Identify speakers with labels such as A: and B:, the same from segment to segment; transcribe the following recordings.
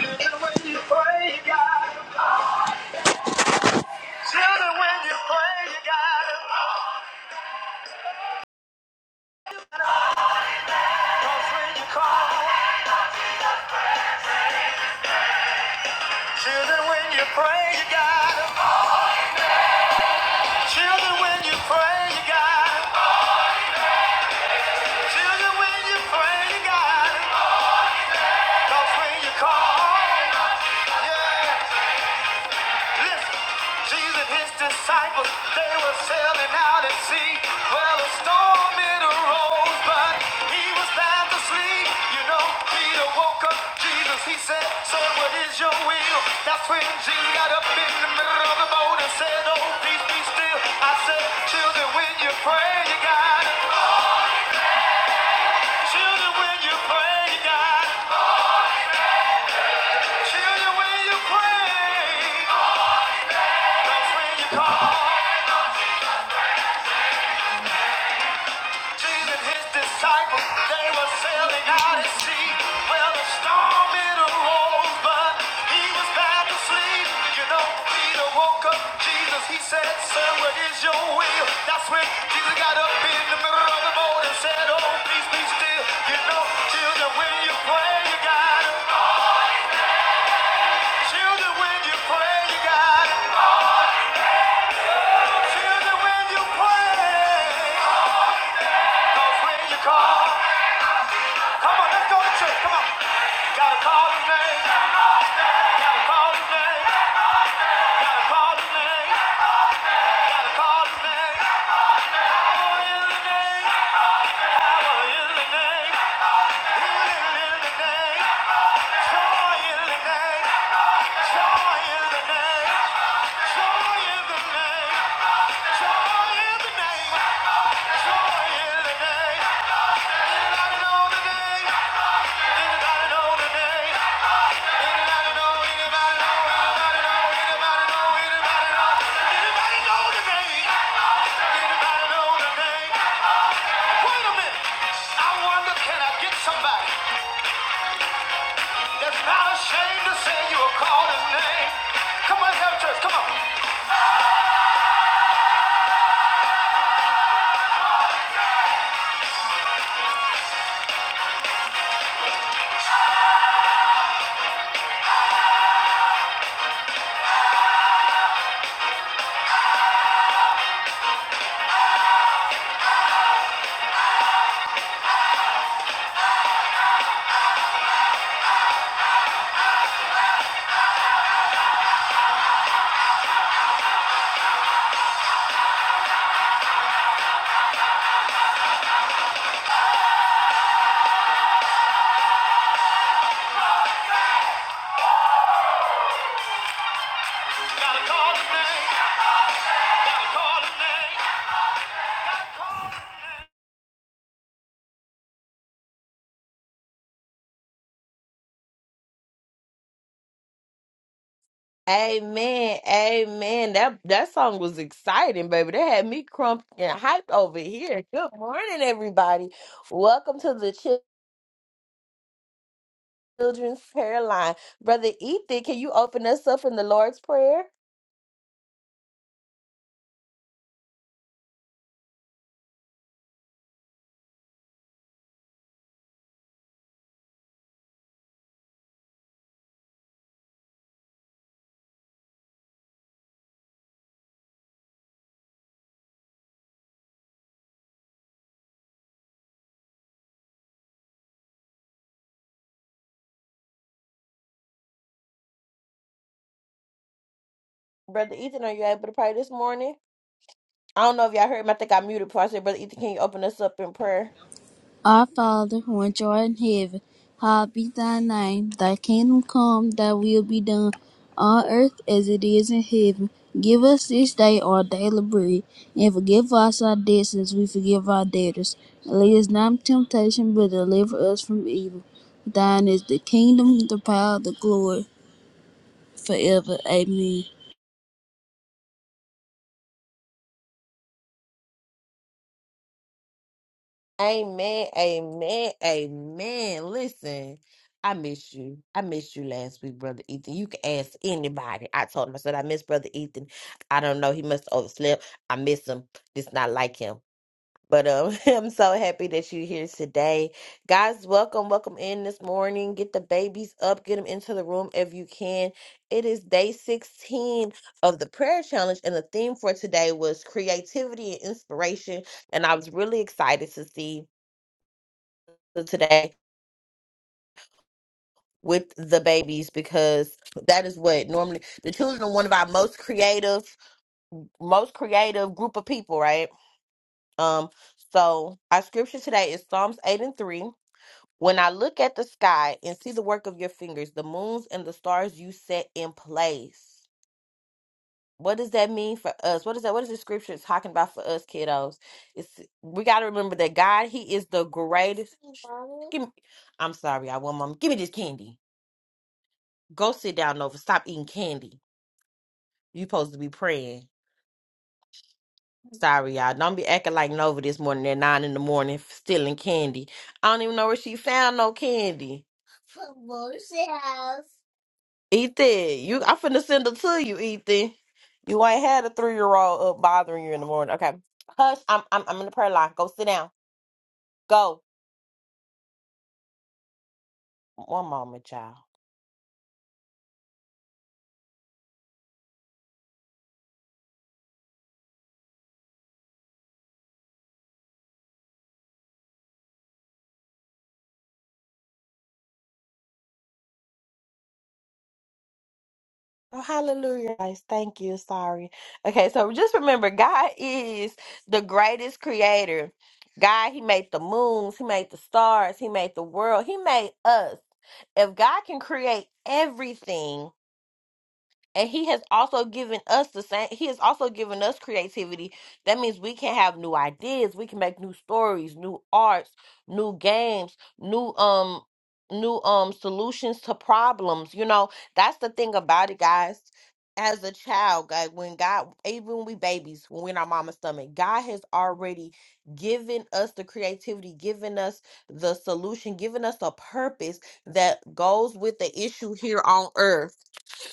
A: Children, when you pray, you got it. Cause when you call, children, when you pray, you got it. Children, when you pray, you got it. Children, when you pray, you got when you call, yeah. Listen, Jesus and his disciples, they were sailing out at sea. Well, a storm it arose, but he was fast asleep. You know, Peter woke up Jesus. He said, Sir, what is your will? That's when Jesus got up in the middle of the boat and said, Oh, peace be still. I said, Children, when you pray, you got it. Children, when you pray, you got it. Children, when you pray, that's when you call. Jesus and his disciples, they were sailing out at sea. Well, a storm it arose, but he was fast asleep. You know, Peter woke up Jesus. He said, Sir, what is your will? That's when Jesus got up in the middle of the boat and said, Oh, peace be still. You know, children, when you pray, you gotta. Children, when you pray, you gotta. Children, when you pray. 'Cause when you call, come on, let's go to church. Come on. Gotta call his name. Gotta call his name. Gotta call his name. Gotta call his name. Oh, in the name. Power in the name. Healing in the name. Joy in the name. Joy in the name. Joy in the name. Joy in the name. Joy in the name. Anybody know the name? Anybody know the name?
B: Amen, amen. That that song was exciting, baby. That had me crumped and hyped over here. Good morning, everybody. Welcome to the Chil- Children's Prayer Line. Brother Ethan, can you open us up in the Lord's Prayer? Brother Ethan, are you able to pray this morning? I don't know if y'all heard me. I think I muted before I said, Brother Ethan, can you open us up in prayer?
C: Our Father, which art in heaven, hallowed be thy name. Thy kingdom come, thy will be done, on earth as it is in heaven. Give us this day our daily bread, and forgive us our debts as we forgive our debtors. And lead us not into temptation, but deliver us from evil. Thine is the kingdom, the power, the glory, forever. Amen.
B: Amen, amen, amen. Listen, I miss you. I missed you last week, Brother Ethan. You can ask anybody. I told him, I said, I miss Brother Ethan. I don't know. He must have overslept. I miss him. It's not like him. But um, I'm so happy that you're here today. Guys, welcome, welcome in this morning. Get the babies up, get them into the room if you can. It is day 16 of the prayer challenge, and the theme for today was creativity and inspiration. And I was really excited to see today with the babies because that is what normally the children are one of our most creative most creative group of people right um so our scripture today is psalms 8 and 3 when i look at the sky and see the work of your fingers the moons and the stars you set in place what does that mean for us what is that what is the scripture talking about for us kiddos it's we got to remember that god he is the greatest Give me- i'm sorry i want mom give me this candy Go sit down, Nova. Stop eating candy. You supposed to be praying. Sorry, y'all. Don't be acting like Nova this morning at nine in the morning, stealing candy. I don't even know where she found no candy. From Mom's house. Ethan, you I'm finna send her to you, Ethan. You ain't had a three year old up bothering you in the morning. Okay. Hush, I'm I'm I'm in the prayer line. Go sit down. Go. One moment, child. Oh, hallelujah. Guys, thank you. Sorry. Okay, so just remember God is the greatest creator. God, He made the moons, He made the stars, He made the world, He made us. If God can create everything, and he has also given us the same, he has also given us creativity. That means we can have new ideas, we can make new stories, new arts, new games, new um new um solutions to problems. You know, that's the thing about it, guys. As a child, God, when God, even when we babies, when we're in our mama's stomach, God has already given us the creativity, given us the solution, given us a purpose that goes with the issue here on earth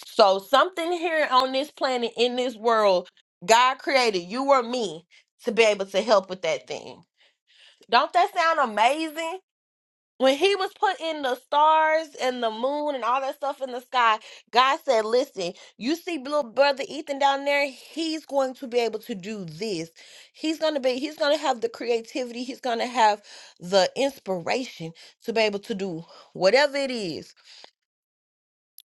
B: so something here on this planet, in this world, God created you or me to be able to help with that thing. Don't that sound amazing? When he was putting the stars and the moon and all that stuff in the sky, God said, Listen, you see little brother Ethan down there, he's going to be able to do this. He's gonna be, he's gonna have the creativity, he's gonna have the inspiration to be able to do whatever it is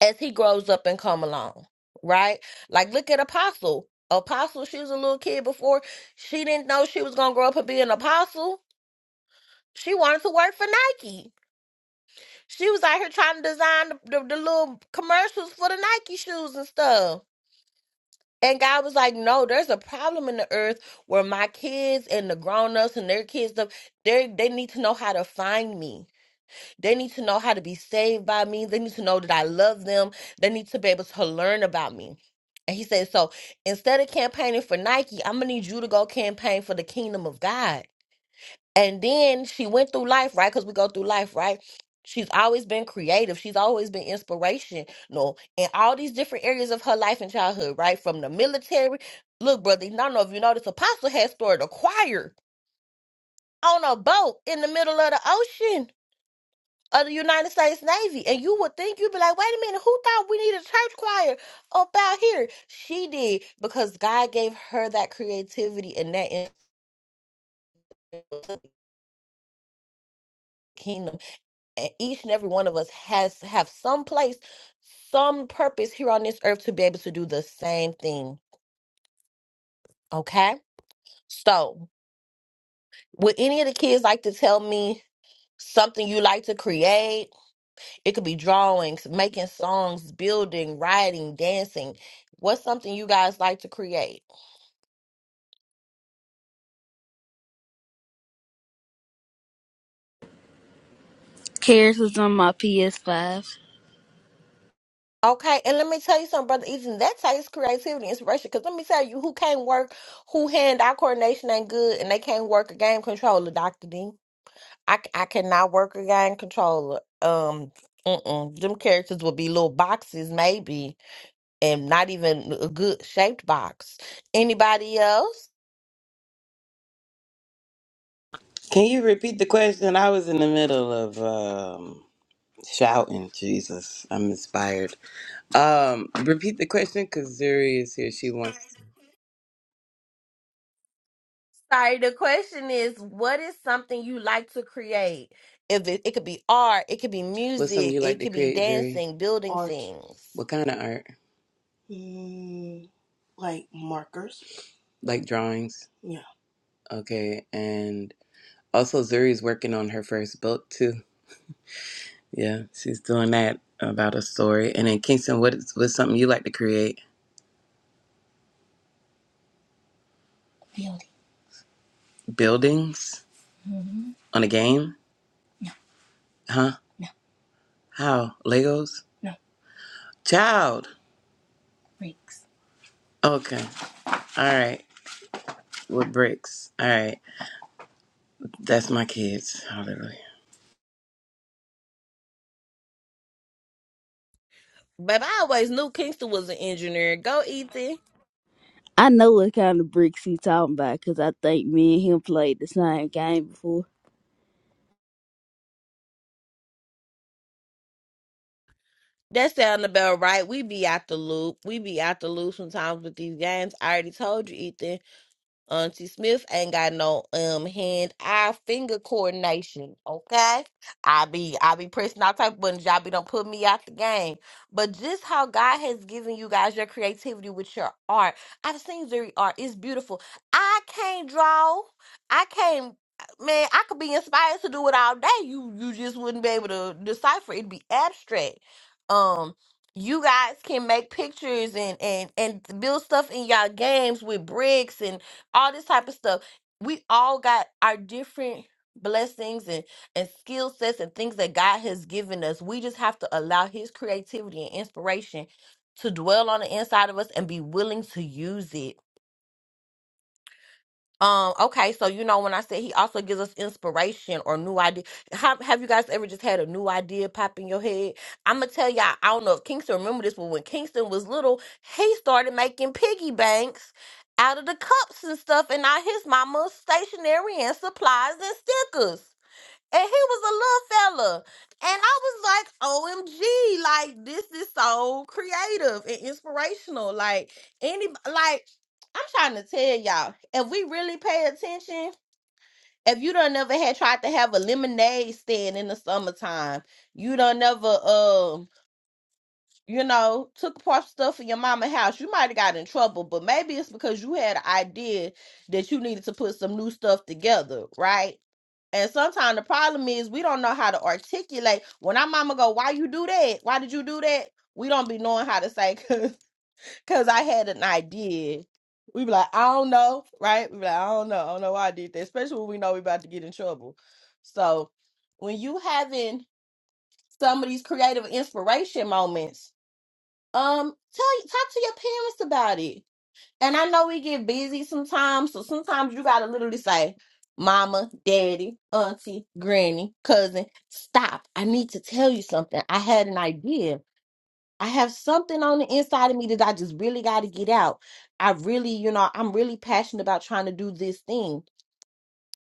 B: as he grows up and come along, right? Like look at Apostle. Apostle, she was a little kid before. She didn't know she was gonna grow up and be an apostle. She wanted to work for Nike. She was out here trying to design the, the, the little commercials for the Nike shoes and stuff. And God was like, "No, there's a problem in the earth where my kids and the grown ups and their kids, they they need to know how to find me. They need to know how to be saved by me. They need to know that I love them. They need to be able to learn about me. And he said, So instead of campaigning for Nike, I'm going to need you to go campaign for the kingdom of God. And then she went through life, right? Because we go through life, right? She's always been creative. She's always been inspirational in all these different areas of her life and childhood, right? From the military. Look, brother, I don't know if you noticed, Apostle had started a choir on a boat in the middle of the ocean of the United States Navy. And you would think you'd be like, wait a minute, who thought we needed a church choir up out here? She did because God gave her that creativity and that in- the kingdom. And each and every one of us has have some place, some purpose here on this earth to be able to do the same thing. Okay? So would any of the kids like to tell me something you like to create? It could be drawings, making songs, building, writing, dancing. What's something you guys like to create?
C: Cares was on my PS5.
B: Okay, and let me tell you something, brother Ethan. That takes creativity, inspiration. Because let me tell you, who can't work, who hand-eye coordination ain't good, and they can't work a game controller, Doctor D. I, c- I cannot work a game controller. Um, mm-mm. them characters will be little boxes, maybe, and not even a good shaped box. Anybody else?
A: Can you repeat the question? I was in the middle of um, shouting, Jesus. I'm inspired. Um, repeat the question because Zuri is here. She wants.
B: Sorry, the question is what is something you like to create? If it, it could be art, it could be
A: What's something
B: music,
A: you like
B: it
A: to
B: could be
A: create, Zuri?
B: dancing, building things.
A: What kind of art? Like drawings. Okay. And also, Zuri's working on her first book, too. Yeah, she's doing that about a story. And then, Kingston, what is, what's something you like to create? Buildings on a game? Huh? How? Legos? Child. Okay. All right. With bricks. All right. That's my kids. Hallelujah.
B: But I always knew Kingston was an engineer. Go Ethan.
C: I know what kind of bricks he talking about, cause I think me and him played the same game before.
B: That sound about right. We be out the loop. We be out the loop sometimes with these games. I already told you, Ethan. Auntie Smith ain't got no um hand eye finger coordination. Okay, I be I be pressing all type of buttons. Y'all be don't put me out the game. But just how God has given you guys your creativity with your art, I've seen Zuri art. It's beautiful. I can't draw. I can't. Man, I could be inspired to do it all day. You you just wouldn't be able to decipher. It'd be abstract. Um. You guys can make pictures and, and, and build stuff in y'all games with bricks and all this type of stuff. We all got our different blessings and and skill sets and things that God has given us. We just have to allow his creativity and inspiration to dwell on the inside of us and be willing to use it um, okay, so you know when I said he also gives us inspiration or new idea. Have have you guys ever just had a new idea pop in your head? I'ma tell y'all, I don't know if Kingston remember this, but when Kingston was little, he started making piggy banks out of the cups and stuff and all his mama's stationery and supplies and stickers. And he was a little fella. And I was like, OMG, like this is so creative and inspirational. Like any like I'm trying to tell y'all, if we really pay attention, if you don't never had tried to have a lemonade stand in the summertime, you don't never um you know, took apart stuff in your mama house. You might have got in trouble, but maybe it's because you had an idea that you needed to put some new stuff together, right? And sometimes the problem is we don't know how to articulate. When our mama go, why you do that? Why did you do that? We don't be knowing how to say, "Cause cause I had an idea. We be like, I don't know, right? We be like, I don't know. I don't know why I did that, especially when we know we about to get in trouble. So when you having some of these creative inspiration moments, um, tell talk to your parents about it and I know we get busy sometimes, so sometimes you gotta literally say, Mama, Daddy, Auntie, Granny, Cousin, stop. I need to tell you something. I had an idea. I have something on the inside of me that I just really gotta get out. I really, you know, I'm really passionate about trying to do this thing.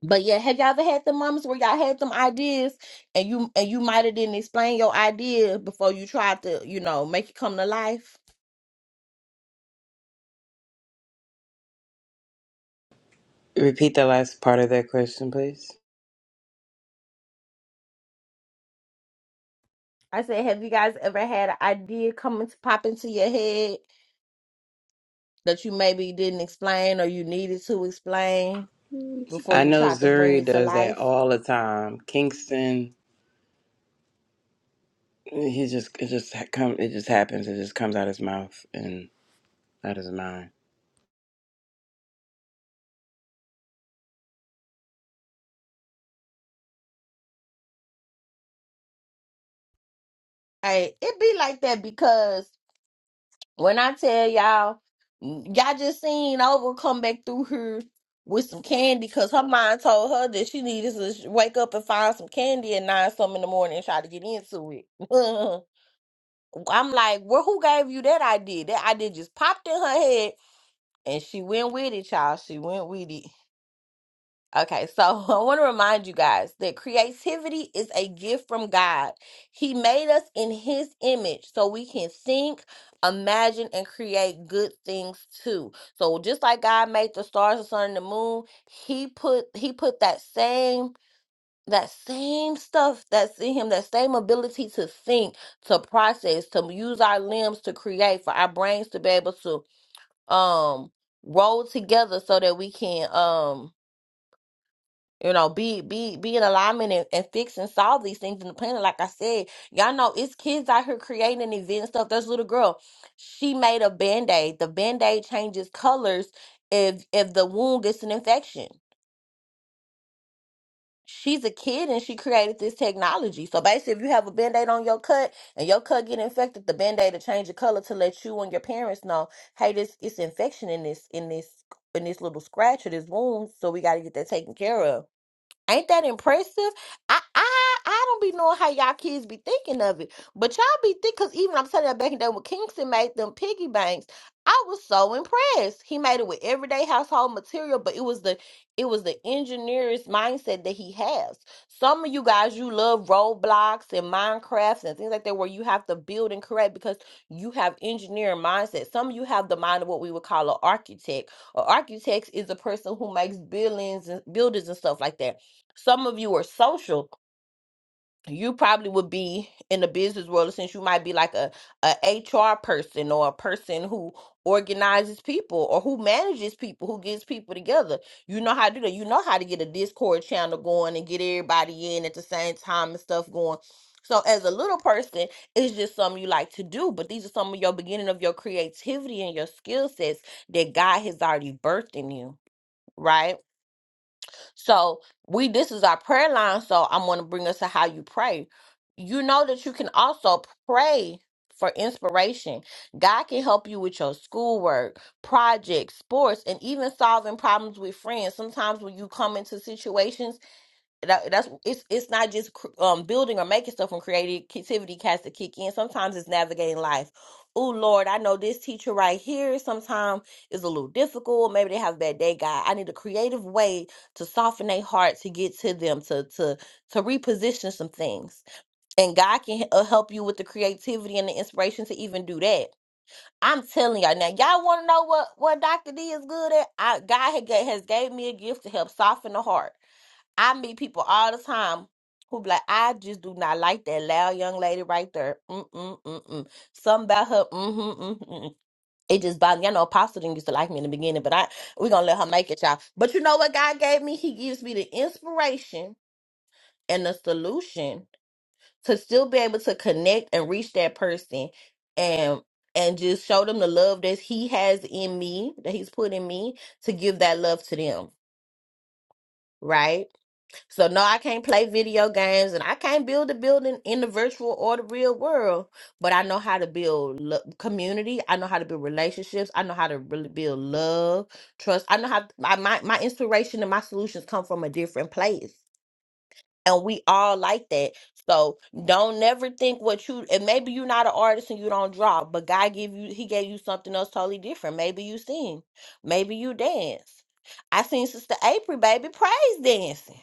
B: But yeah, have y'all ever had the moments where y'all had them ideas and you and you might have didn't explain your idea before you tried to, you know, make it come to life?
A: Repeat the last part of that question, please.
B: I said, have you guys ever had an idea come into pop into your head that you maybe didn't explain or you needed to explain before
A: I
B: you
A: know
B: tried to bring
A: Zuri
B: it to
A: does that
B: life?
A: all the time. Kingston He just it just ha- come it just happens. It just comes out his mouth and out his mind.
B: Hey, it be like that because When I tell y'all, y'all just seen over come back through here with some candy because her mind told her that she needed to sh- wake up and find some candy at nine some in the morning and try to get into it. I'm like, well, who gave you that idea? That idea just popped in her head and she went with it, y'all. She went with it. Okay, so I want to remind you guys that creativity is a gift from God. He made us in His image so we can think, imagine, and create good things too. So just like God made the stars, the sun, and the moon, He put He put that same that same stuff that's in him, that same ability to think, to process, to use our limbs to create, for our brains to be able to um roll together so that we can um you know, be be be in alignment and, and fix and solve these things in the planet. Like I said, y'all know it's kids out here creating these and stuff. There's a little girl, she made a band aid. The band aid changes colors if if the wound gets an infection. She's a kid and she created this technology. So basically, if you have a band aid on your cut and your cut get infected, the band aid will change the color to let you and your parents know, hey, this it's infection in this in this in this little scratch or this wound, so we got to get that taken care of Ain't that impressive? I I I don't be knowing how y'all kids be thinking of it, but y'all be think because even I'm telling you back in the day when Kingston made them piggy banks, I was so impressed. He made it with everyday household material, but it was the it was the engineer's mindset that he has. Some of you guys you love roadblocks and Minecrafts and things like that where you have to build and create because you have engineering mindset. Some of you have the mind of what we would call an architect. An architect is a person who makes buildings and buildings and stuff like that some of you are social you probably would be in the business world since you might be like a, a hr person or a person who organizes people or who manages people who gets people together you know how to do that you know how to get a discord channel going and get everybody in at the same time and stuff going so as a little person it's just something you like to do but these are some of your beginning of your creativity and your skill sets that god has already birthed in you right so we this is our prayer line. So I'm gonna bring us to how you pray. You know that you can also pray for inspiration. God can help you with your schoolwork, projects, sports, and even solving problems with friends. Sometimes when you come into situations that, that's it's it's not just cr- um building or making stuff when creativity has to kick in. Sometimes it's navigating life. Oh Lord, I know this teacher right here sometimes is a little difficult. Maybe they have a bad day, God. I need a creative way to soften their heart to get to them to to to reposition some things. And God can uh, help you with the creativity and the inspiration to even do that. I'm telling y'all now. Y'all want to know what what Doctor D is good at? I, God had, ga- has gave me a gift to help soften the heart. I meet people all the time who be like, I just do not like that loud young lady right there. Mm mm mm mm. Something about her. Mm mm mm mm. It just bothers me. I know Apostle didn't used to like me in the beginning, but I we're gonna let her make it, y'all. But you know what God gave me? He gives me the inspiration and the solution to still be able to connect and reach that person and and just show them the love that he has in me, that he's put in me to give that love to them. Right So no, I can't play video games and I can't build a building in the virtual or the real world, but I know how to build lo- community. I know how to build relationships. I know how to really build love, trust. I know how I, my my inspiration and my solutions come from a different place. And we all like that. So don't never think what you and maybe you're not an artist and you don't draw, but God give you he gave you something else totally different. Maybe you sing. Maybe you dance. I seen Sister April, baby, praise dancing.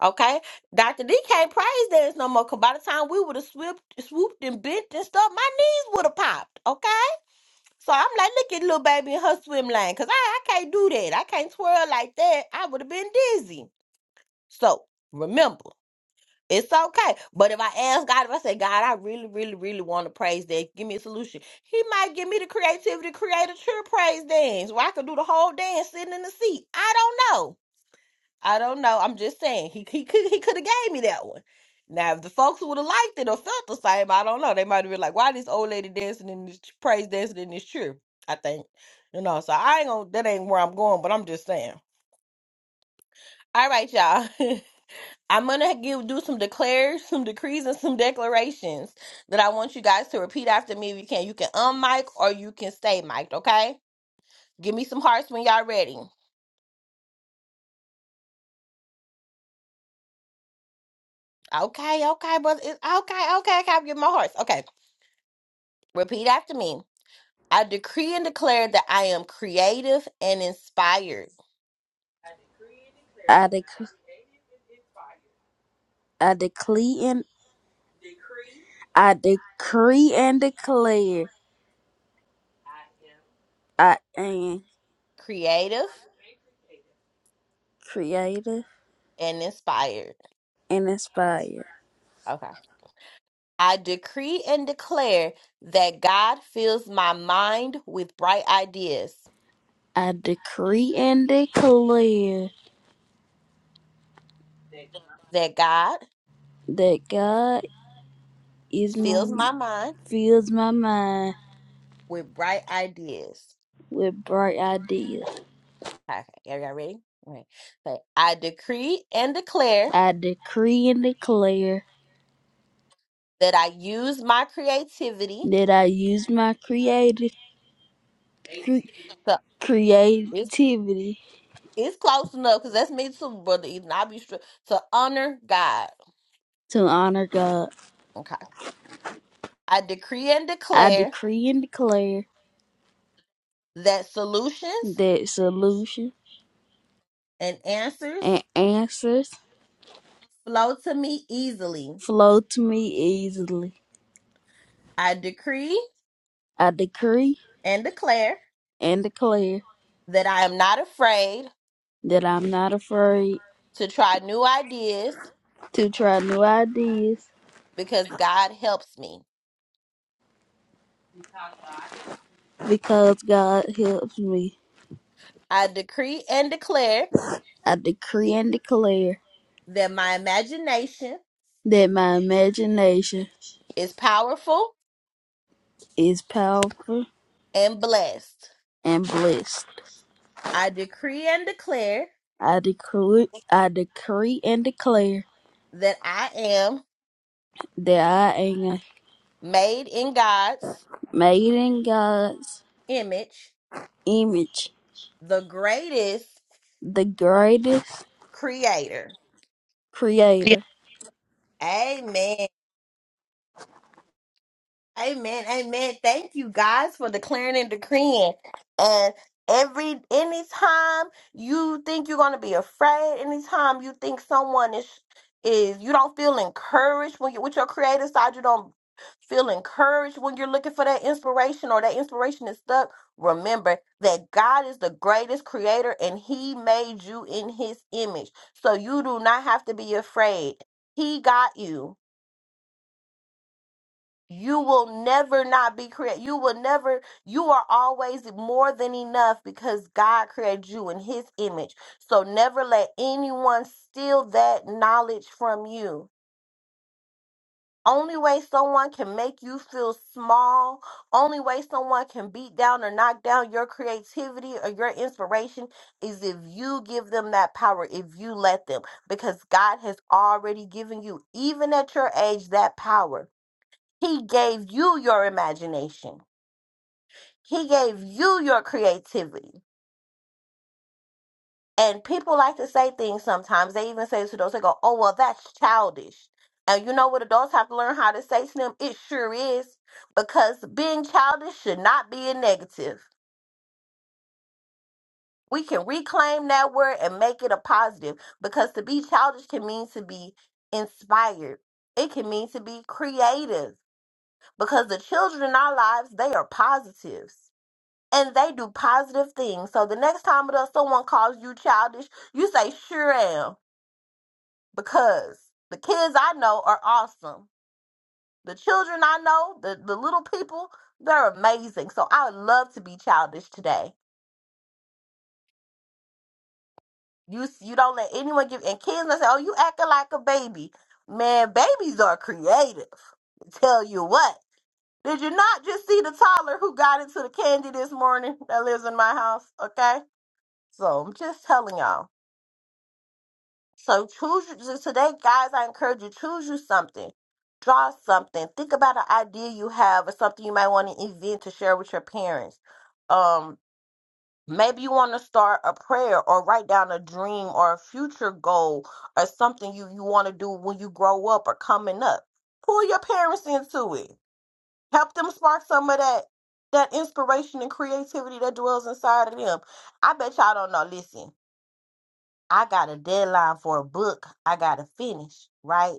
B: Okay, Dr. D can't praise dance no more. Cause by the time we would have swooped, swooped and bent and stuff, my knees would have popped. Okay, so I'm like, look at little baby in her swim lane. Cause I, I can't do that. I can't twirl like that. I would have been dizzy. So remember, it's okay. But if I ask God, if I say, God, I really, really, really want to praise dance, give me a solution. He might give me the creativity to create a true praise dance where I could do the whole dance sitting in the seat. I don't know. I don't know. I'm just saying he he could he could have gave me that one. Now, if the folks would have liked it or felt the same, I don't know. They might have been like, "Why this old lady dancing in this praise dancing in this church?" I think you know. So I ain't gonna. That ain't where I'm going. But I'm just saying. All right, y'all. I'm gonna give do some declares, some decrees, and some declarations that I want you guys to repeat after me. If you can, you can unmic or you can stay mic'd. Okay. Give me some hearts when y'all ready. Okay. Okay, but it's okay. Okay. okay, I can get my hearts. Okay. Repeat after me. I decree and declare that I am creative and inspired.
C: I declare. I decree and I decree and declare I am
B: Creative
C: creative
B: and inspired.
C: and inspired.
B: Okay. I decree and declare that God fills my mind with bright ideas.
C: I decree and declare
B: That God
C: that God is
B: fills
C: my
B: my mind
C: fills my mind
B: with bright ideas.
C: with bright ideas.
B: Okay. Y'all ready? Okay. But I decree and declare
C: I decree and declare
B: that I use my creativity
C: that I use my creative cre-
B: to it's,
C: creativity
B: it's close enough because that's me too, brother. Ethan. I'll be str- to honor God.
C: to honor God.
B: Okay. I decree and
C: I
B: declare
C: decree and declare
B: that solutions
C: that solutions
B: and answers
C: and answers
B: flow to me easily.
C: Flow to me easily.
B: I decree
C: I decree
B: and declare
C: and declare
B: that I am not afraid
C: that I'm not afraid
B: to try new ideas
C: to try new ideas
B: because God helps me.
C: because God helps me.
B: I decree and declare
C: I decree and declare
B: that my imagination
C: that my imagination
B: is powerful
C: is powerful
B: and blessed.
C: and blessed.
B: I decree and declare
C: I decree, I decree and declare
B: that I am
C: that I am
B: made in God's
C: made in God's
B: image,
C: image,
B: the greatest
C: the greatest
B: creator.
C: creator
B: Amen. Amen. Amen. Thank you guys for declaring and decreeing. And every anytime you think you're gonna be afraid, anytime you think someone is is you don't feel encouraged when you with your creative side, you don't feel encouraged when you're looking for that inspiration or that inspiration is stuck. Remember that God is the greatest creator and He made you in His image. So you do not have to be afraid. He got you. You will never not be created. You will never, you are always more than enough because God created you in his image. So never let anyone steal that knowledge from you. Only way someone can make you feel small, only way someone can beat down or knock down your creativity or your inspiration is if you give them that power, if you let them, because God has already given you, even at your age, that power. He gave you your imagination. He gave you your creativity. And people like to say things sometimes. They even say to adults, they go, oh, well, that's childish. And you know what adults have to learn how to say to them? It sure is. Because being childish should not be a negative. We can reclaim that word and make it a positive. Because to be childish can mean to be inspired, it can mean to be creative. Because the children in our lives, they are positives and they do positive things. So the next time that someone calls you childish, you say, sure am. Because the kids I know are awesome. The children I know, the, the little people, they're amazing. So I would love to be childish today. You s- you don't let anyone give and kids that say, Oh, you acting like a baby. Man, babies are creative. Tell you what. Did you not just see the toddler who got into the candy this morning that lives in my house? Okay. So I'm just telling y'all. So choose you- so today, guys. I encourage you choose you something, draw something, think about an idea you have or something you might want to event to share with your parents. Um, maybe you want to start a prayer or write down a dream or a future goal or something you you want to do when you grow up or coming up. Pull your parents into it. Help them spark some of that that inspiration and creativity that dwells inside of them. I bet y'all don't know. Listen. I got a deadline for a book I got to finish, right?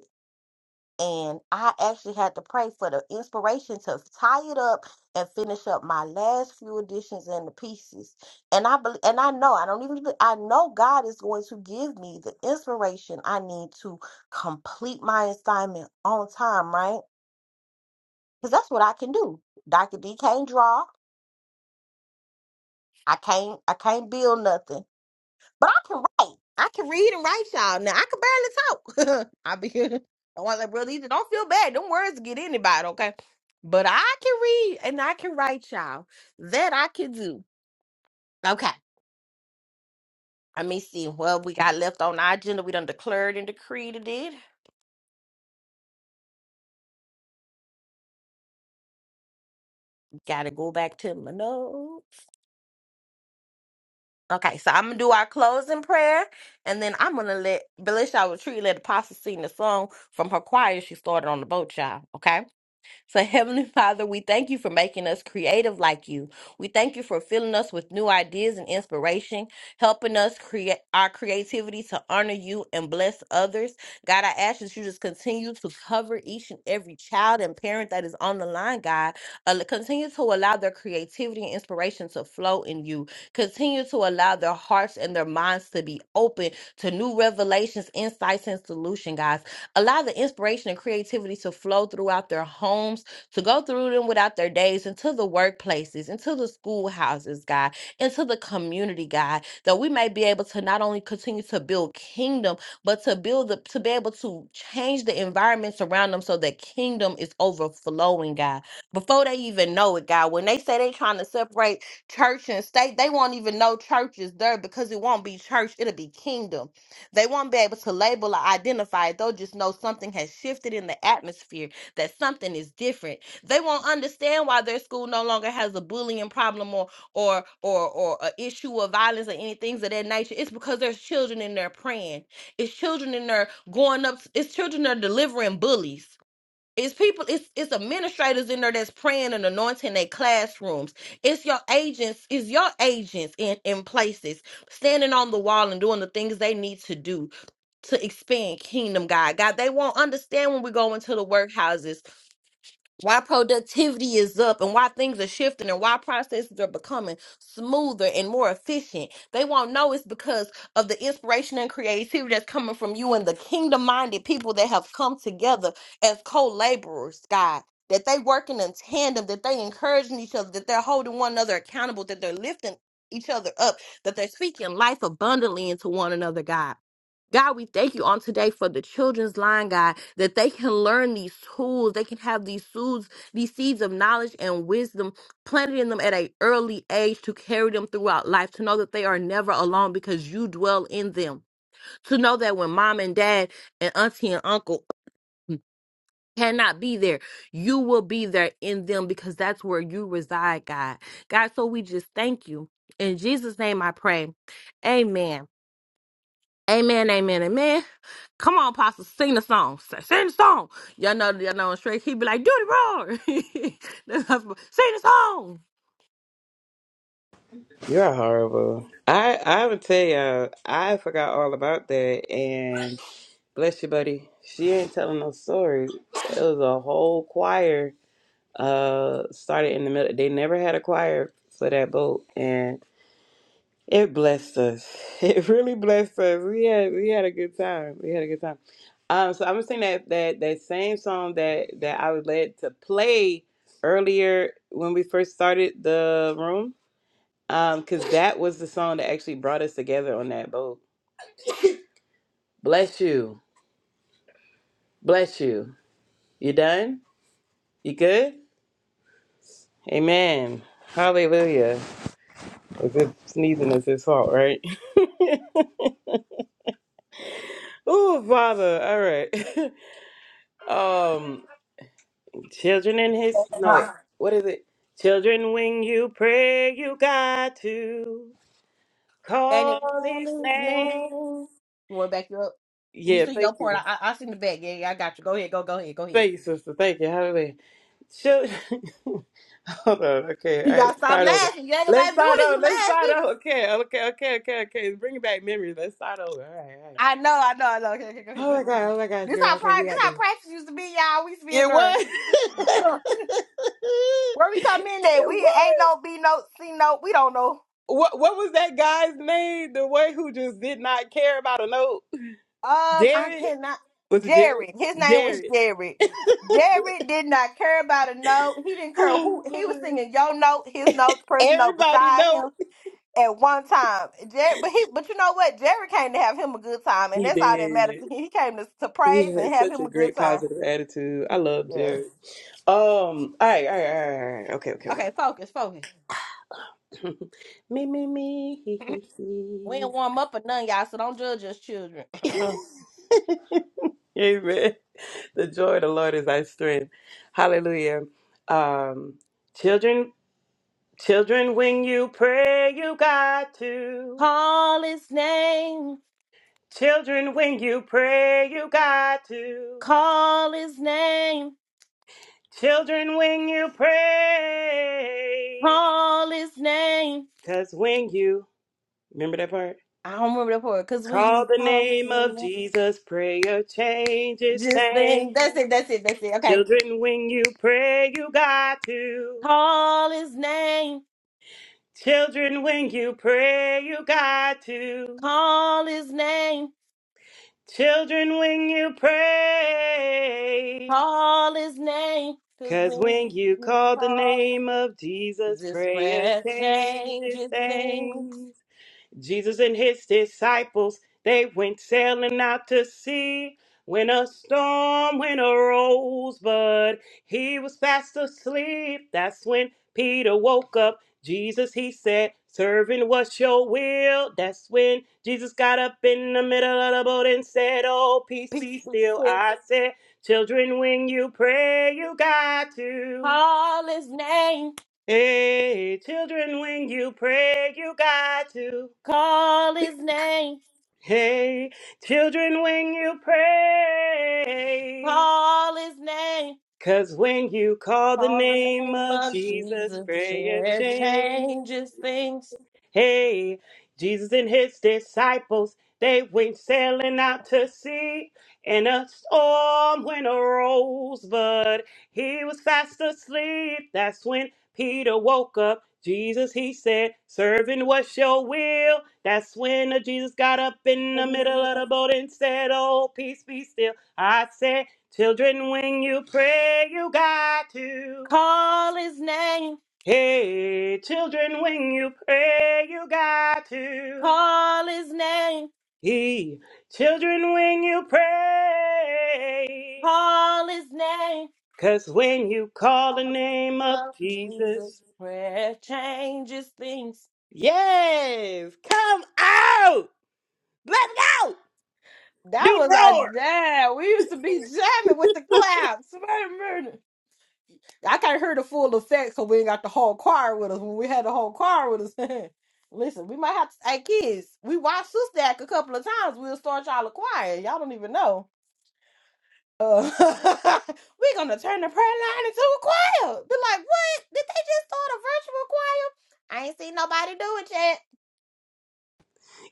B: And I actually had to pray for the inspiration to tie it up and finish up my last few editions and the pieces. And I believe, and I know I don't even. I know God is going to give me the inspiration I need to complete my assignment on time, right? Because that's what I can do. Doctor D can't draw. I can't. I can't build nothing. But I can write. I can read and write y'all. Now I can barely talk. I be I want like, brother, Ethan, don't feel bad. Them words get anybody, okay? But I can read and I can write y'all. That I can do. Okay. Let me see what we got left on our agenda. We done declared and decreed it. did. Gotta go back to my notes. Okay, so I'm gonna do our closing prayer and then I'm gonna let Belisha Retreat let Apostle sing the song from her choir she started on the boat, y'all. Okay. So, Heavenly Father, we thank you for making us creative like you. We thank you for filling us with new ideas and inspiration, helping us create our creativity to honor you and bless others. God, I ask that you just continue to cover each and every child and parent that is on the line, God. Uh, continue to allow their creativity and inspiration to flow in you. Continue to allow their hearts and their minds to be open to new revelations, insights, and solution, God. Allow the inspiration and creativity to flow throughout their homes, to go through them without their days, into the workplaces, into the schoolhouses, God, into the community, God, that we may be able to not only continue to build kingdom, but to build the to be able to change the environments around them so that kingdom is overflowing, God. Before they even know it, God, when they say they trying to separate church and state, they won't even know church is there because it won't be church, it'll be kingdom they won't be able to label or identify it. They'll just know something has shifted in the atmosphere, that something is different. They won't understand why their school no longer has a bullying problem or or or or an issue of violence or any things of that nature. It's because there's children in there praying. It's children in there going up. It's children that are delivering bullies. It's people, it's it's administrators in there that's praying and anointing their classrooms. It's your agents, it's your agents in, in places standing on the wall and doing the things they need to do to expand kingdom god god they won't understand when we go into the workhouses why productivity is up and why things are shifting and why processes are becoming smoother and more efficient they won't know it's because of the inspiration and creativity that's coming from you and the kingdom minded people that have come together as co-laborers god that they working in tandem that they encouraging each other that they're holding one another accountable that they're lifting each other up that they're speaking life abundantly into one another god God, we thank you on today for the children's line, God, that they can learn these tools. They can have these seeds, these seeds of knowledge and wisdom planted in them at an early age to carry them throughout life, to know that they are never alone because you dwell in them. To know that when mom and dad and auntie and uncle cannot be there, you will be there in them because that's where you reside, God. God, so we just thank you. In Jesus' name I pray. Amen. Amen. Amen. Amen. Come on, Pastor, sing the song. S- Sing the song. Y'all know, y'all know, straight. He'd be like, "Do the roar." That's how- sing the song.
A: You're horrible. I I would tell you I forgot all about that and bless you, buddy. She ain't telling no stories. It was a whole choir uh started in the middle. They never had a choir for that boat and It blessed us. It really blessed us. We had we had a good time. We had a good time. Um, so I'm gonna sing that that that same song that that I was led to play earlier when we first started the room. Um, because that was the song that actually brought us together on that boat. Bless you. Bless you. You done? You good? Amen. Hallelujah. As if sneezing is his fault, right? Oh, Father. All right. um. Children in his no
D: Huh.
A: wait, what is it? Children, when you pray, you got to
B: And it
A: call
B: called
A: his
B: his name.
A: name.
B: You want to back you up? You
A: Yeah,
B: sing
A: thank
B: your part.
A: you,
B: I, I, I sing the back. Yeah, yeah, I got you. Go ahead. Go, go ahead. Go ahead.
A: thank you, sister, thank you. Hallelujah. Children, hold on. Okay, all
B: You
A: right,
B: gotta
A: let's
B: stop
A: start over.
B: laughing. You ain't
A: Let's
B: about to do
A: start
B: it. if
A: over.
B: You
A: Let's start
B: laughing?
A: over. Okay, okay, okay, okay, okay. Bring back memories. Let's start over. All right, all right.
B: I know. I know. I know. Okay, okay, go ahead.
A: Oh
B: Go
A: my
B: ahead. Go
A: god, oh
B: ahead.
A: my gosh,
B: This
A: girl.
B: how
A: Okay, we
B: practice. This
A: got
B: how
A: this.
B: practice used to be, y'all. We used to be in
A: It
B: there.
A: was.
B: Where we come in at,
A: it
B: we
A: was.
B: ain't no B note, C note. We don't know.
A: What what was that guy's name? The one who just did not care about a note.
B: Um, I
A: Jared
B: cannot.
A: was it Jared?
B: Jared, his name was
A: Jared.
B: Jared. Jared did not care about a note. He didn't care
A: Oh,
B: who he was
A: Lord.
B: singing. Your note, his note, person note
A: Everybody
B: beside
A: know
B: him at one time. Jared, but he, but you know what? Jared came to have him a good time, and
A: he
B: that's all that matters.
A: did.
B: to him. He came to, to
A: He
B: praise and
A: had
B: have
A: such
B: him
A: a
B: a good
A: great
B: time.
A: positive attitude. I love
B: Yeah.
A: Jared. Um. All right. All right. All right. All right. Okay. Okay.
B: Okay, focus, focus.
A: okay. me. Me. Me.
B: We
A: He.
B: ain't warm up or none, y'all. So don't judge us, children.
A: He. He. Amen. The joy of the Lord is our strength. Hallelujah. Um. Children. Children, when you pray, you got to.
B: call his name.
A: Children, when you pray, you got to.
B: Call his name.
A: Children, when you pray.
B: Call his name.
A: Because when you, remember that part?
B: I don't remember that part because when
A: Call
B: you
A: the
B: call his
A: name of
B: name,
A: Jesus, prayer changes
B: just
A: things.
B: then that's it, that's it, that's it. Okay.
A: Children, when you pray, you got to.
B: Call his name,
A: Children, when you pray, you got to.
B: call his name,
A: Children, when you pray.
B: call his name. Cause
A: Cause
B: when
A: when
B: you,
A: you
B: you
A: call the
B: call,
A: name of Jesus,
B: this
A: prayer
B: prayer
A: changes
B: changes things.
A: things. Jesus and his disciples, they went sailing out to sea when a storm when arose, but he was fast asleep. That's when Peter woke up. Jesus, he said, Servant, what's your will? That's when Jesus got up in the middle of the boat and said, Oh, peace
B: Peace
A: be
B: be
A: still.
B: still.
A: I said, Children, when you pray, you got to.
B: Call his name,
A: Hey, children, when you pray, you got to.
B: call his name,
A: Hey, children, when you pray,
B: call his name.
A: 'cause when you call the
B: Call the
A: name
B: name
A: of
B: of
A: Jesus,
B: Jesus.
A: prayer
B: Prayer
A: change.
B: changes things.
A: Hey, Jesus and his disciples, they went sailing out to sea, and a storm went arose, but he was fast asleep. That's when Peter woke up. Jesus, he said, Servant, what's your will? That's when uh, Jesus got up in the middle of the boat and said, Oh, peace be still. I said, Children, when you pray, you got to.
B: Call his name.
A: Hey, children, when you pray, you got to.
B: Call his name.
A: Hey, children, when you pray.
B: Call his name.
A: Cause when you call the name of
B: But
A: Jesus,
B: Jesus' prayer changes things.
A: yes, come out. Let's go.
B: That
A: Do the
B: was like
A: roar.
B: damn. We used to be jamming with the claps. Murder, murder. I can't hear the full effect because we ain't got the whole choir with us. When we had the whole choir with us, listen, we might have to. Hey kids, we watched Sister Act a couple of times. We'll start y'all a choir. Y'all don't even know. uh, we're gonna turn the prayer line into a choir. Be like, what? Did they just start a virtual choir? I ain't seen nobody do it yet.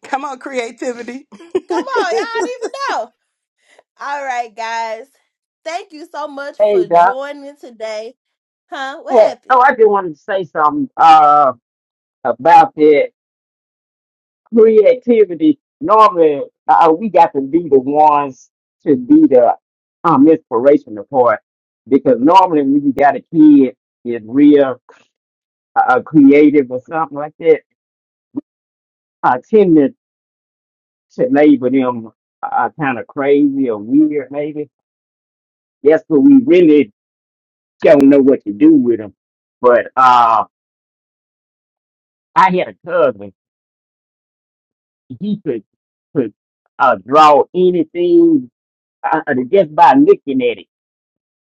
A: Come on, creativity.
B: Come on, y'all need to know. All right, guys. Thank you so much
D: Hey,
B: for
D: Doc.
B: joining today. Huh? What
D: Hey. Oh,
B: happened?
D: I just wanted to say something uh, about that creativity. Normally, uh, we got to be the ones to be the um, inspirational part because normally when you got a kid is real uh, creative or something like that, I tend to, to label them uh, kind of crazy or weird, maybe. That's what we really don't know what to do with them. But uh, I had a cousin. he could could uh, draw anything uh, uh, just by looking at it.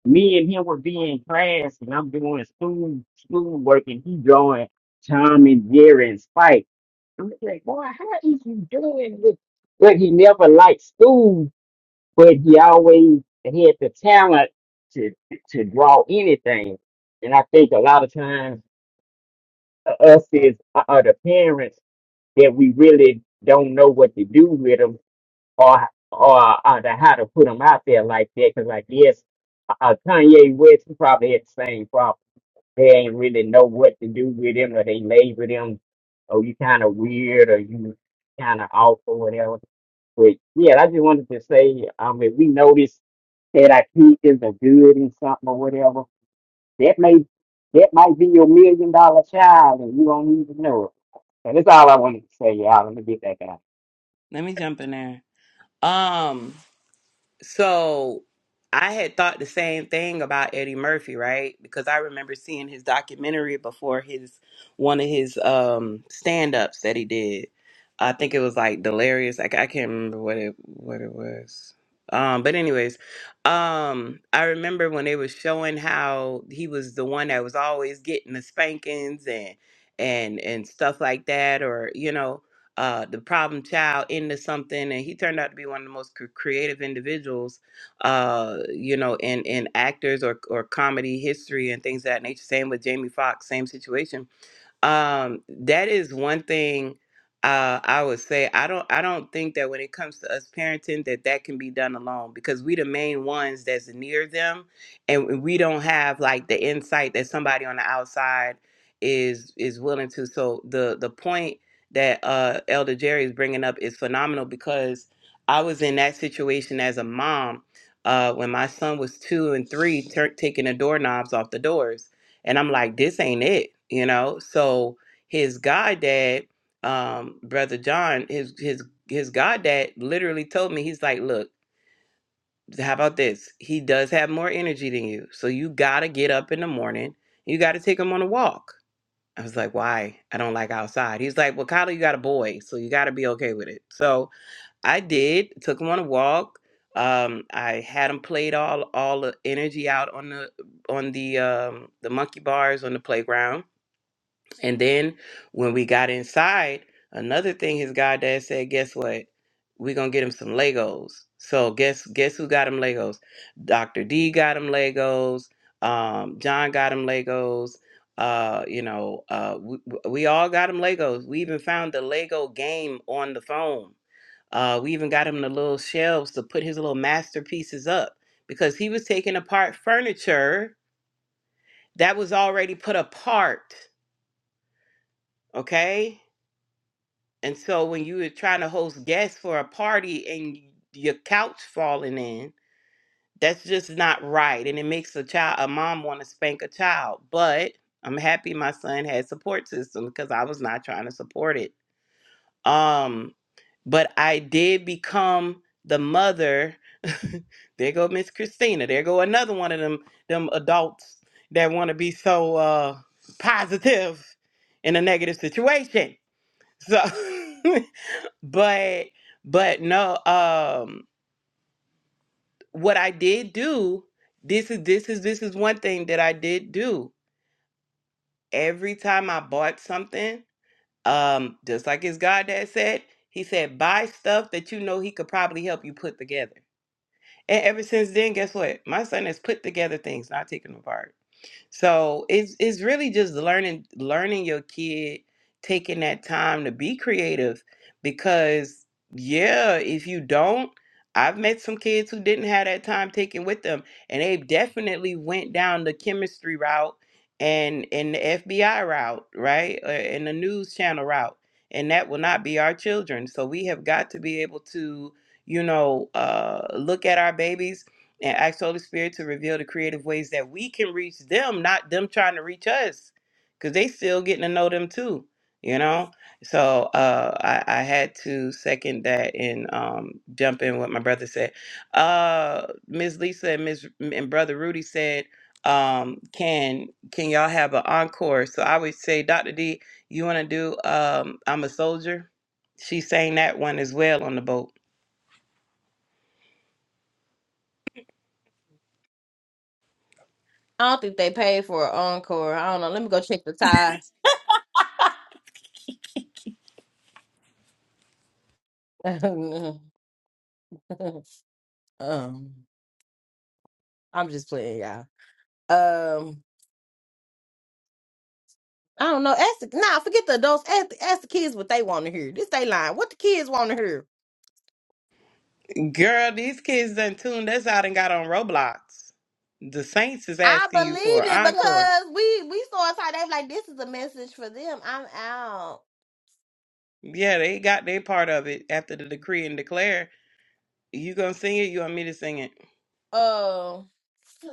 D: Me and him would be in class, and I'm doing school school work, and he drawing Tom and Jerry and Spike. I'm just like, boy, how is you doing this? But he never liked school, but he always had the talent to to draw anything. And I think a lot of times uh, us is uh, uh, the parents that we really don't know what to do with 'em or or uh, the how to put them out there like that. Because like yes, uh, uh, Kanye West he probably had the same problem. They ain't really know what to do with him, or they label them, oh you kind of weird, or you kind of off, or whatever. But yeah, I just wanted to say, um, if we notice that our kids are good in something or whatever, that may that might be your million dollar child, and you don't even know it. And that's all I wanted to say, y'all. Let me get that out.
A: Let me jump in there. Um, So I had thought the same thing about Eddie Murphy, right? Because I remember seeing his documentary before his one of his um stand ups that he did. I think it was like Delirious. Like I can't remember what it what it was. Um, but anyways, um, I remember when they was showing how he was the one that was always getting the spankings and and and stuff like that, or you know uh, the problem child into something, and he turned out to be one of the most cr- creative individuals, uh, you know, in in actors or or comedy history and things of that nature. Same with Jamie Foxx, same situation um, that is one thing uh, I would say. I don't. I don't think that when it comes to us parenting, that that can be done alone because we the main ones that's near them, and we don't have like the insight that somebody on the outside is is willing to. So the the point that uh, Elder Jerry is bringing up is phenomenal because I was in that situation as a mom uh, when my son was two and three, tur taking the doorknobs off the doors and I'm like, this ain't it, you know? So his goddad, um, brother John, his his his goddad literally told me, he's like, Look, how about this? He does have more energy than you. So you gotta get up in the morning. You gotta take him on a walk. I was like, why? I don't like outside. He's like, well, Kyler, you got a boy, so you got to be okay with it. So I did, took him on a walk. Um, I had him played all all the energy out on the on the um, the monkey bars on the playground and then when we got inside, another thing his goddad said, guess what? We're gonna get him some Legos. So guess guess who got him Legos? Dr. D got him Legos, um, John got him Legos, uh, you know, uh we, we all got him Legos. We even found the Lego game on the phone. Uh, we even got him the little shelves to put his little masterpieces up because he was taking apart furniture that was already put apart. Okay And so when you were trying to host guests for a party and y- your couch falling in, that's just not right. And it makes a child, a mom want to spank a child. But I'm happy my son had support system because I was not trying to support it. Um, but I did become the mother. there go Miss Christina. There go another one of them them adults that want to be so uh positive in a negative situation. So but but no um what i did do this is this is this is one thing that i did do every time i bought something um just like his god dad said he said buy stuff that you know he could probably help you put together and ever since then guess what my son has put together things not taken apart So it's it's really just learning learning your kid, taking that time to be creative because yeah, if you don't, I've met some kids who didn't have that time taken with them and they definitely went down the chemistry route and and the FBI route, right? Uh, And the news channel route. And that will not be our children. So we have got to be able to, you know, uh, look at our babies and ask Holy Spirit to reveal the creative ways that we can reach them, not them trying to reach us, because they still getting to know them too, you know. So uh, I, I had to second that and um, jump in what my brother said. Uh, Ms. Lisa and Ms. and brother Rudy said, um, "Can can y'all have an encore?" So I would say, Doctor D, you want to do um, "I'm a Soldier"? She sang that one as well on the boat.
B: I don't think they paid for an encore. I don't know. Let me go check the ties. um, I'm just playing, y'all. Um, I don't know. Ask the, nah, forget the adults. Ask the, ask the kids what they want to hear. This they line. What the kids want to hear?
A: Girl, these kids done tuned us out and got on Roblox. The Saints is
B: I
A: asking you for an
B: believe it
A: encore.
B: because we we saw inside. They like this is a message for them. I'm out.
A: Yeah, they got their part of it after the decree and declare. You gonna sing it? You want me to sing it?
B: Uh,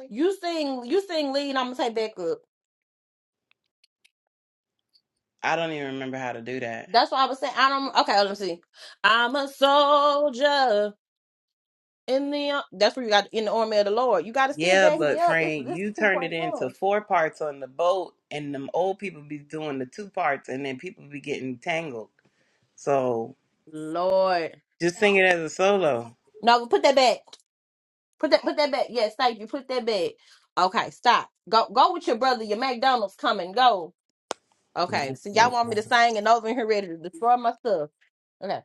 B: you sing, you sing lead. I'm gonna take back up.
A: I don't even remember how to do that.
B: That's what I was saying. I don't. Okay, let me see. I'm a soldier in the. That's where you got in the army of the Lord. You got to still
A: Yeah,
B: back me
A: but
B: up. This
A: Frank,
B: this
A: you
B: two
A: turned it
B: point
A: into
B: ten.
A: four parts on the boat, and them old people be doing the two parts, and then people be getting tangled. So
B: Lord,
A: just sing it as a solo.
B: no, put that back. Put that put that back. Yes, thank you. Put that back. Okay, stop. Go go with your brother. Your McDonald's coming. Go. Okay,
A: Yeah,
B: so y'all want me to sing and over here ready to destroy my stuff. Okay.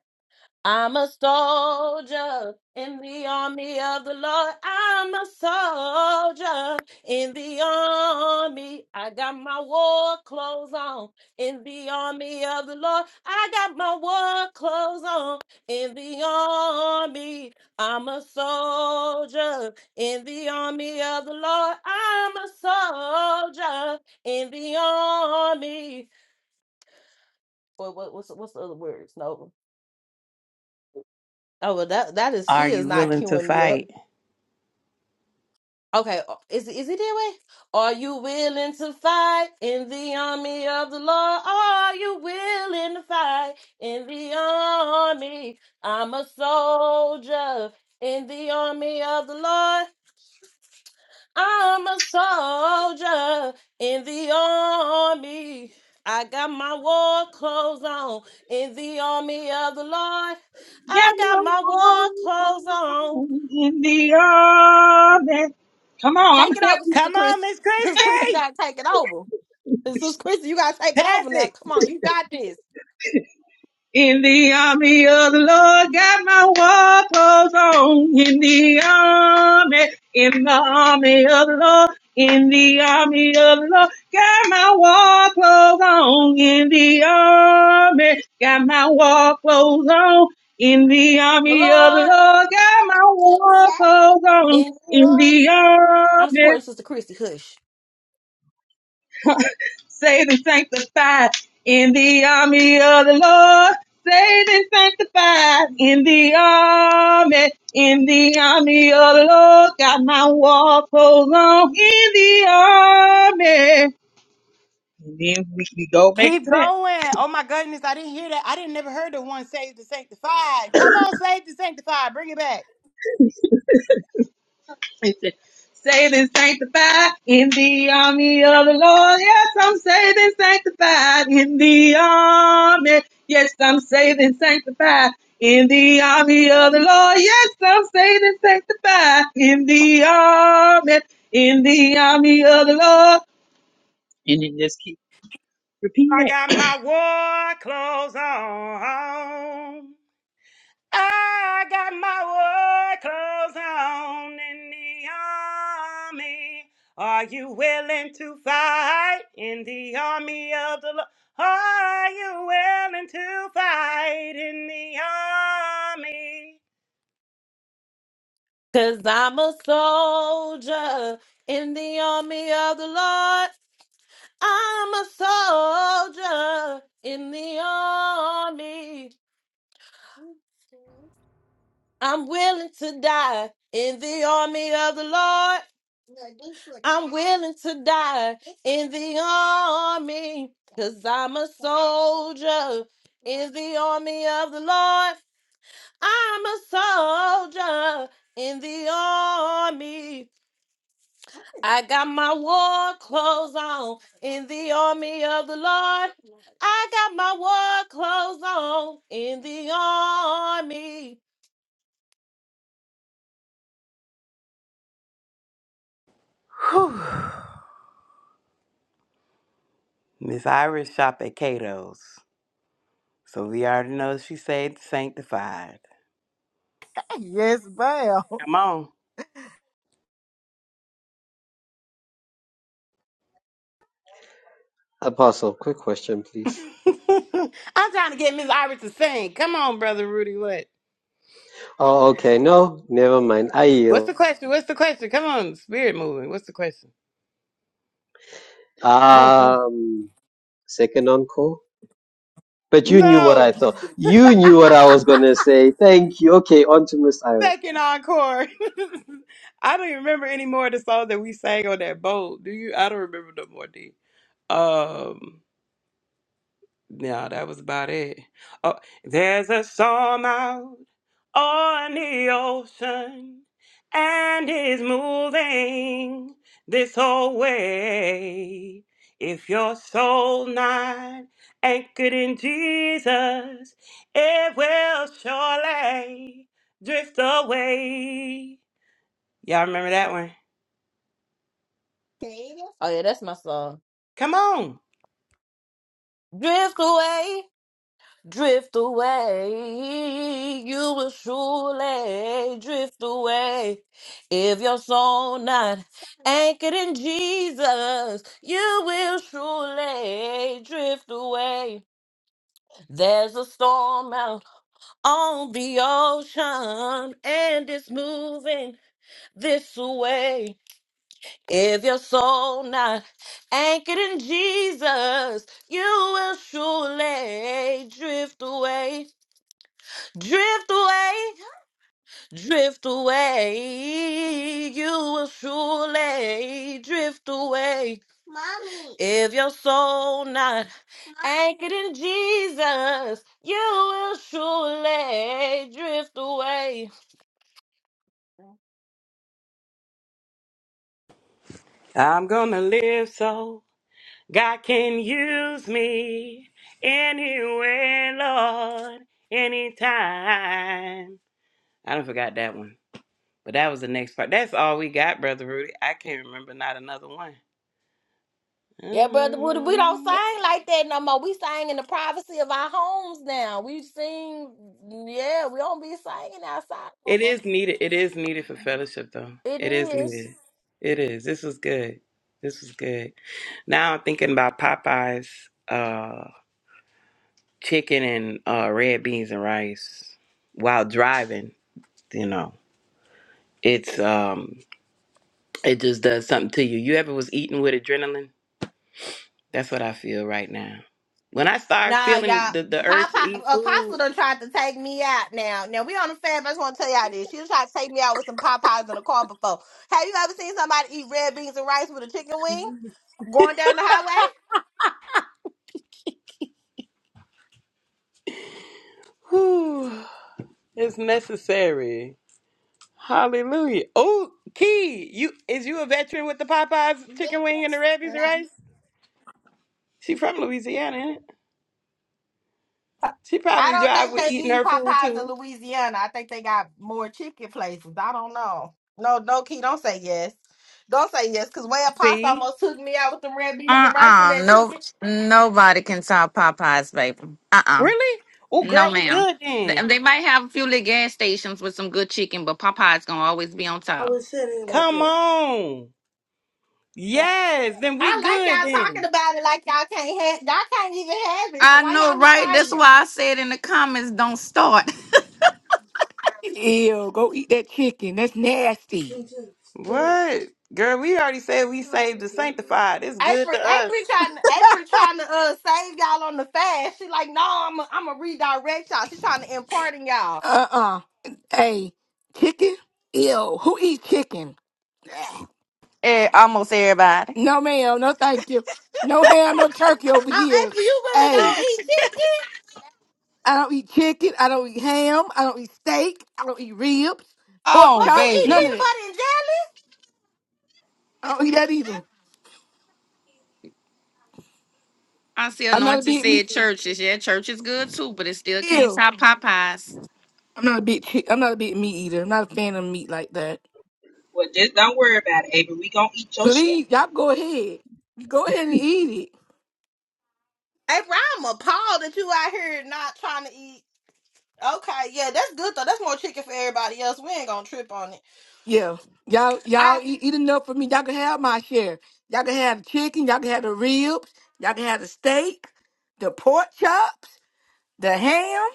B: I'm a soldier in the army of the Lord. I'm a soldier in the army. I got my war clothes on in the army of the Lord. I got my war clothes on in the army. I'm a soldier in the army of the Lord. I'm a soldier in the army. What what what's what's the other words? No. Oh well, that that is
A: Are
B: she is
A: you
B: not
A: willing to
B: queuing me up.
A: fight?
B: Okay, uh, is it- is it that way? Are you willing to fight in the army of the Lord? Are you willing to fight in the army? I'm a soldier in the army of the Lord. I'm a soldier in the army. I got my war clothes on in the army of the Lord.
E: Got
B: I got
E: my
B: my war
E: walk
B: clothes on.
E: in the army. Come on, I'm
B: Take it over,
E: helping.
B: Sister
A: Come
B: Chris.
A: on, Miss
B: Sister Chris, you
A: Christie!
B: gotta take it over. Sister Chris, you gotta take it
A: Pass
B: over
A: it!
B: now. Come on, you got this.
E: In the army of the Lord, got my war clothes on. In the army, in the army of the Lord, in the army of the Lord, got my war clothes on. In the army, got my war clothes on. In the
B: The
E: army of the
B: Lord.
E: Lord, got my war clothes on.
B: In the
E: In
B: army.
E: the
B: I'm
E: army,
B: supporting Sister Christy. Hush.
E: Saved and sanctified in the army of the Lord. Saved and sanctified in the army, in the army of the Lord. Got my war clothes on in the army. And then we, we go back
A: Keep
E: to that.
A: going. Oh my goodness, I didn't hear that. I didn't never heard the one saved and sanctified. Come on, saved and sanctified. Bring it back.
E: Listen, saved and sanctified in the army of the Lord. Yes, I'm saved and sanctified in the army. Yes, I'm saved and sanctified in the army of the Lord. Yes, I'm saved and sanctified in the army, in the army of the Lord. And then just keep repeating
A: I
E: that.
A: got my war clothes on. I got my war clothes on in the army. Are you willing to fight in the army of the Lord? Are you willing to fight in the army?
B: Cause I'm a soldier in the army of the Lord. I'm a soldier in the army. I'm willing to die in the army of the Lord. I'm willing to die in the army because I'm a soldier in the army of the Lord. I'm a soldier in the army. I got my war clothes on in the army of the Lord. I got my war clothes on in the army.
A: Whew. Miss Iris shop at Cato's. So we already know she saved, sanctified.
F: yes, ma'am.
A: Come on.
G: Apostle, quick question, please.
A: I'm trying to get Miss Iris to sing. Come on, brother Rudy. What?
G: Oh, okay. No, never mind. I
A: What's
G: yield.
A: the question? What's the question? Come on, spirit moving. What's the question? Come on, come on.
G: Um, second encore. But you knew what I
A: No.
G: thought. You knew what I was gonna say. Thank you. Okay, on to Miss Iris.
A: Second encore. I don't even remember any more of the songs that we sang on that boat. Do you? I don't remember no more. D. Um. Yeah, that was about it. Oh, there's a storm out on the ocean, and it's moving this whole way. If your soul not anchored in Jesus, it will surely drift away. Y'all remember that one?
B: Oh yeah, that's my song.
A: Come on.
B: Drift away, drift away. You will surely drift away if your soul not anchored in Jesus. You will surely drift away. There's a storm out on the ocean, and it's moving this way. If your soul not anchored in Jesus, you will surely drift away, drift away, drift away. You will surely drift away. Mommy. If your soul not anchored in Jesus, you will surely drift away
A: I'm gonna live so. God can use me anywhere, Lord, anytime. I don't forgot that one. But that was the next part. That's all we got, Brother Rudy. I can't remember not another one.
B: Yeah, brother Woody, we don't
A: Mm.
B: sing like that no more. We sing in the privacy of our homes now. We sing, yeah, we don't be singing outside.
A: It
B: Uh-uh.
A: is needed. It is needed for fellowship, though.
B: It
A: It is
B: is.
A: needed. It is. This was good. This was good. Now I'm thinking about Popeyes, uh, chicken and uh, red beans and rice while driving. You know, it's um it just does something to you. You ever was eating with adrenaline? That's what I feel right now. When I start
B: Nah,
A: feeling
B: y'all.
A: the, the
B: Pop,
A: urge to eat
B: Apostle
A: food,
B: done tried to take me out now. Now, we on the fab. I just want to tell y'all this. She was trying to take me out with some Popeyes in the car before. Have you ever seen somebody eat red beans and rice with a chicken wing going down the highway?
A: whew, it's necessary. Hallelujah. Oh, Key, you is you a veteran with the Popeyes chicken wing and the Rabbi's rice? She from Louisiana, ain't it? She
B: I
A: probably
B: don't
A: drive
B: think
A: with
B: they
A: eating
B: eating
A: her food
B: Popeyes in
A: too.
B: Louisiana. I think they got more chicken places. I don't know. No, no, Key, don't say yes. Don't say yes, because Way Pasta
A: See?
B: almost took me out with the red beans
H: Uh
B: and rice and
H: uh
B: that
H: No,
B: chicken.
H: nobody can sell Popeyes, baby. Uh uh
A: Really? Oh girl,
H: No,
A: we
H: ma'am.
A: good
H: They,
A: then.
H: they might have a few little gas stations with some good chicken, but Popeyes gonna always be on top.
A: Oh. Yes, then
B: I
A: we
B: like
A: good
B: y'all talking
A: then.
B: about it like y'all can't have y'all can't even have it. So
H: I
B: why
H: know,
B: y'all
H: right? That's
B: excited?
H: why I said in the comments, don't start.
I: Ew, go eat that chicken. That's nasty.
A: What? Girl, we already said we saved and sanctified. It's good
B: April,
A: to us.
B: April trying to April trying to uh save y'all on the fast. She like, no, I'm i I'm gonna redirect y'all. She trying to import in y'all.
I: Uh-uh. Hey, chicken? Ew, who eats chicken?
H: Eh, almost everybody.
I: No, ma'am. No, thank you. No ham, no turkey over
B: Um,
I: here.
B: April, you really
I: Hey,
B: don't eat chicken?
I: I don't eat chicken. I don't eat ham. I don't eat steak. I don't eat ribs, pork
H: Oh,
B: What you
I: chop,
B: eat?
I: none
H: baby.
I: of
B: Peanut
I: that.
B: butter and jelly?
I: I don't eat that either.
H: I see
I: I'm not a
H: Anointed
I: big meat.
H: said churches. Yeah, church is good too, but it still can't
I: Ew.
H: top Popeyes.
I: I'm not a big. chi- I'm not a big meat eater. I'm not a fan of meat like that.
E: Well, just don't worry about it, Ava. We gonna eat your share.
I: Please, y'all go ahead. Go ahead and eat it.
B: April, I'm appalled that you out here not trying to eat. Okay, yeah, that's good though. That's more chicken for everybody else. We ain't gonna trip on it.
I: Yeah. Y'all,
B: I
I: y'all eat, eat enough for me. Y'all can have my share. Y'all can have the chicken. Y'all can have the ribs. Y'all can have the steak, the pork chops, the ham.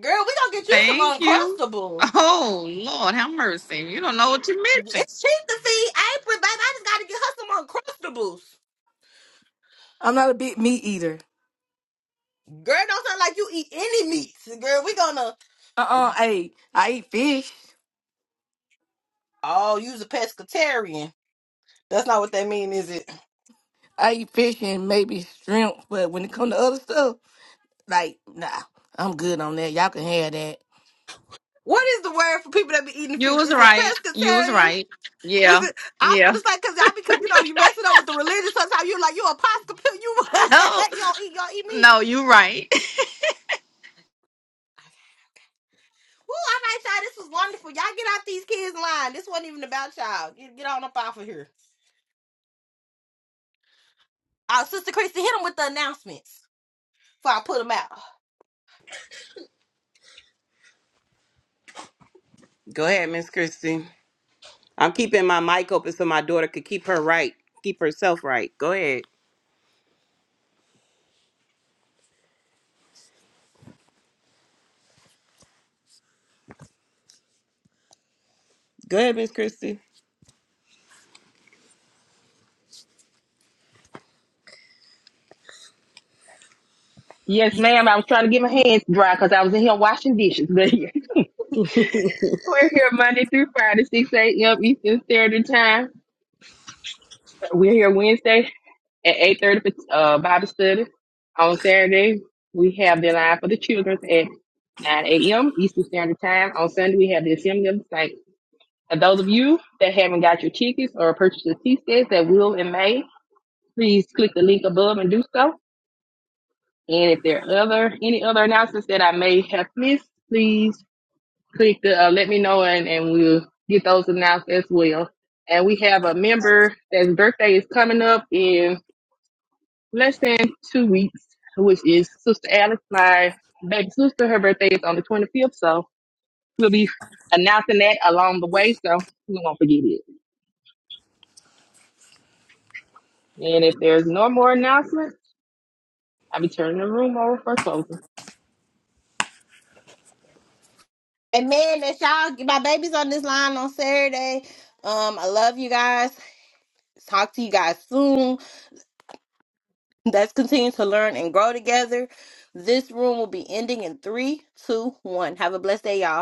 B: girl, we gonna get you some
H: Thank you.
B: uncrustables.
H: Oh, Lord, have mercy. You don't know what you're missing.
B: It's cheap to feed April, baby. I just gotta get her some uncrustables.
I: I'm not a big meat eater.
B: Girl, don't sound like you eat any meats. Girl, we gonna
I: Uh-uh. Hey, I eat fish.
B: oh use a pescatarian. That's not what that mean, is it?
I: I eat fish and maybe shrimp. But when it comes to other stuff, like, nah, I'm good on that. Y'all can have that.
B: What is the word for people that be eating
H: You
B: fish?
H: was
B: Is it
H: right. You was
B: pescatarian?
H: right.
B: Is
H: Yeah.
B: it? I
H: Yeah.
B: was finna say because I because you know you mess it up with the religion sometimes. You're like you a pasta You
H: No,
B: you all eat you all eat meat.
H: no, you're right.
B: Okay, okay. Woo! All right, y'all. This was wonderful. Y'all get out these kids line. This wasn't even about y'all. Get, get on up off of here. Uh, Sister Christy, hit them with the announcements before I put them out.
A: Go ahead, Miss Christie. I'm keeping my mic open so my daughter could keep her right, keep herself right. Go ahead. Go ahead, Miss Christie.
E: Your hands dry because I was in home. We're here Monday through Friday, 6 a.m. Eastern Standard Time. We're here Wednesday at 8.30 for uh, Bible study. On Saturday, we have the line for the children at 9 a.m. Eastern Standard Time. On Sunday, we have the Assembly of the Saints. And those of you that haven't got your tickets or purchased your tickets that will in May, please click the link above and do so. And if there are other any other announcements that I may have missed, please click the uh, let me know and, and we'll get those announced as well. And we have a member that's birthday is coming up in. less than two weeks, which is Sister Alice, my baby sister. Her birthday is on the 25th, so we'll be announcing that along the way, so we won't forget it. And if there's no more announcements, I'll be turning the room over for closing.
B: And man, that's y'all. My baby's on this line on Saturday. Um, I love you guys. Talk to you guys soon. Let's continue to learn and grow together. This room will be ending in three, two, one. Have a blessed day, y'all.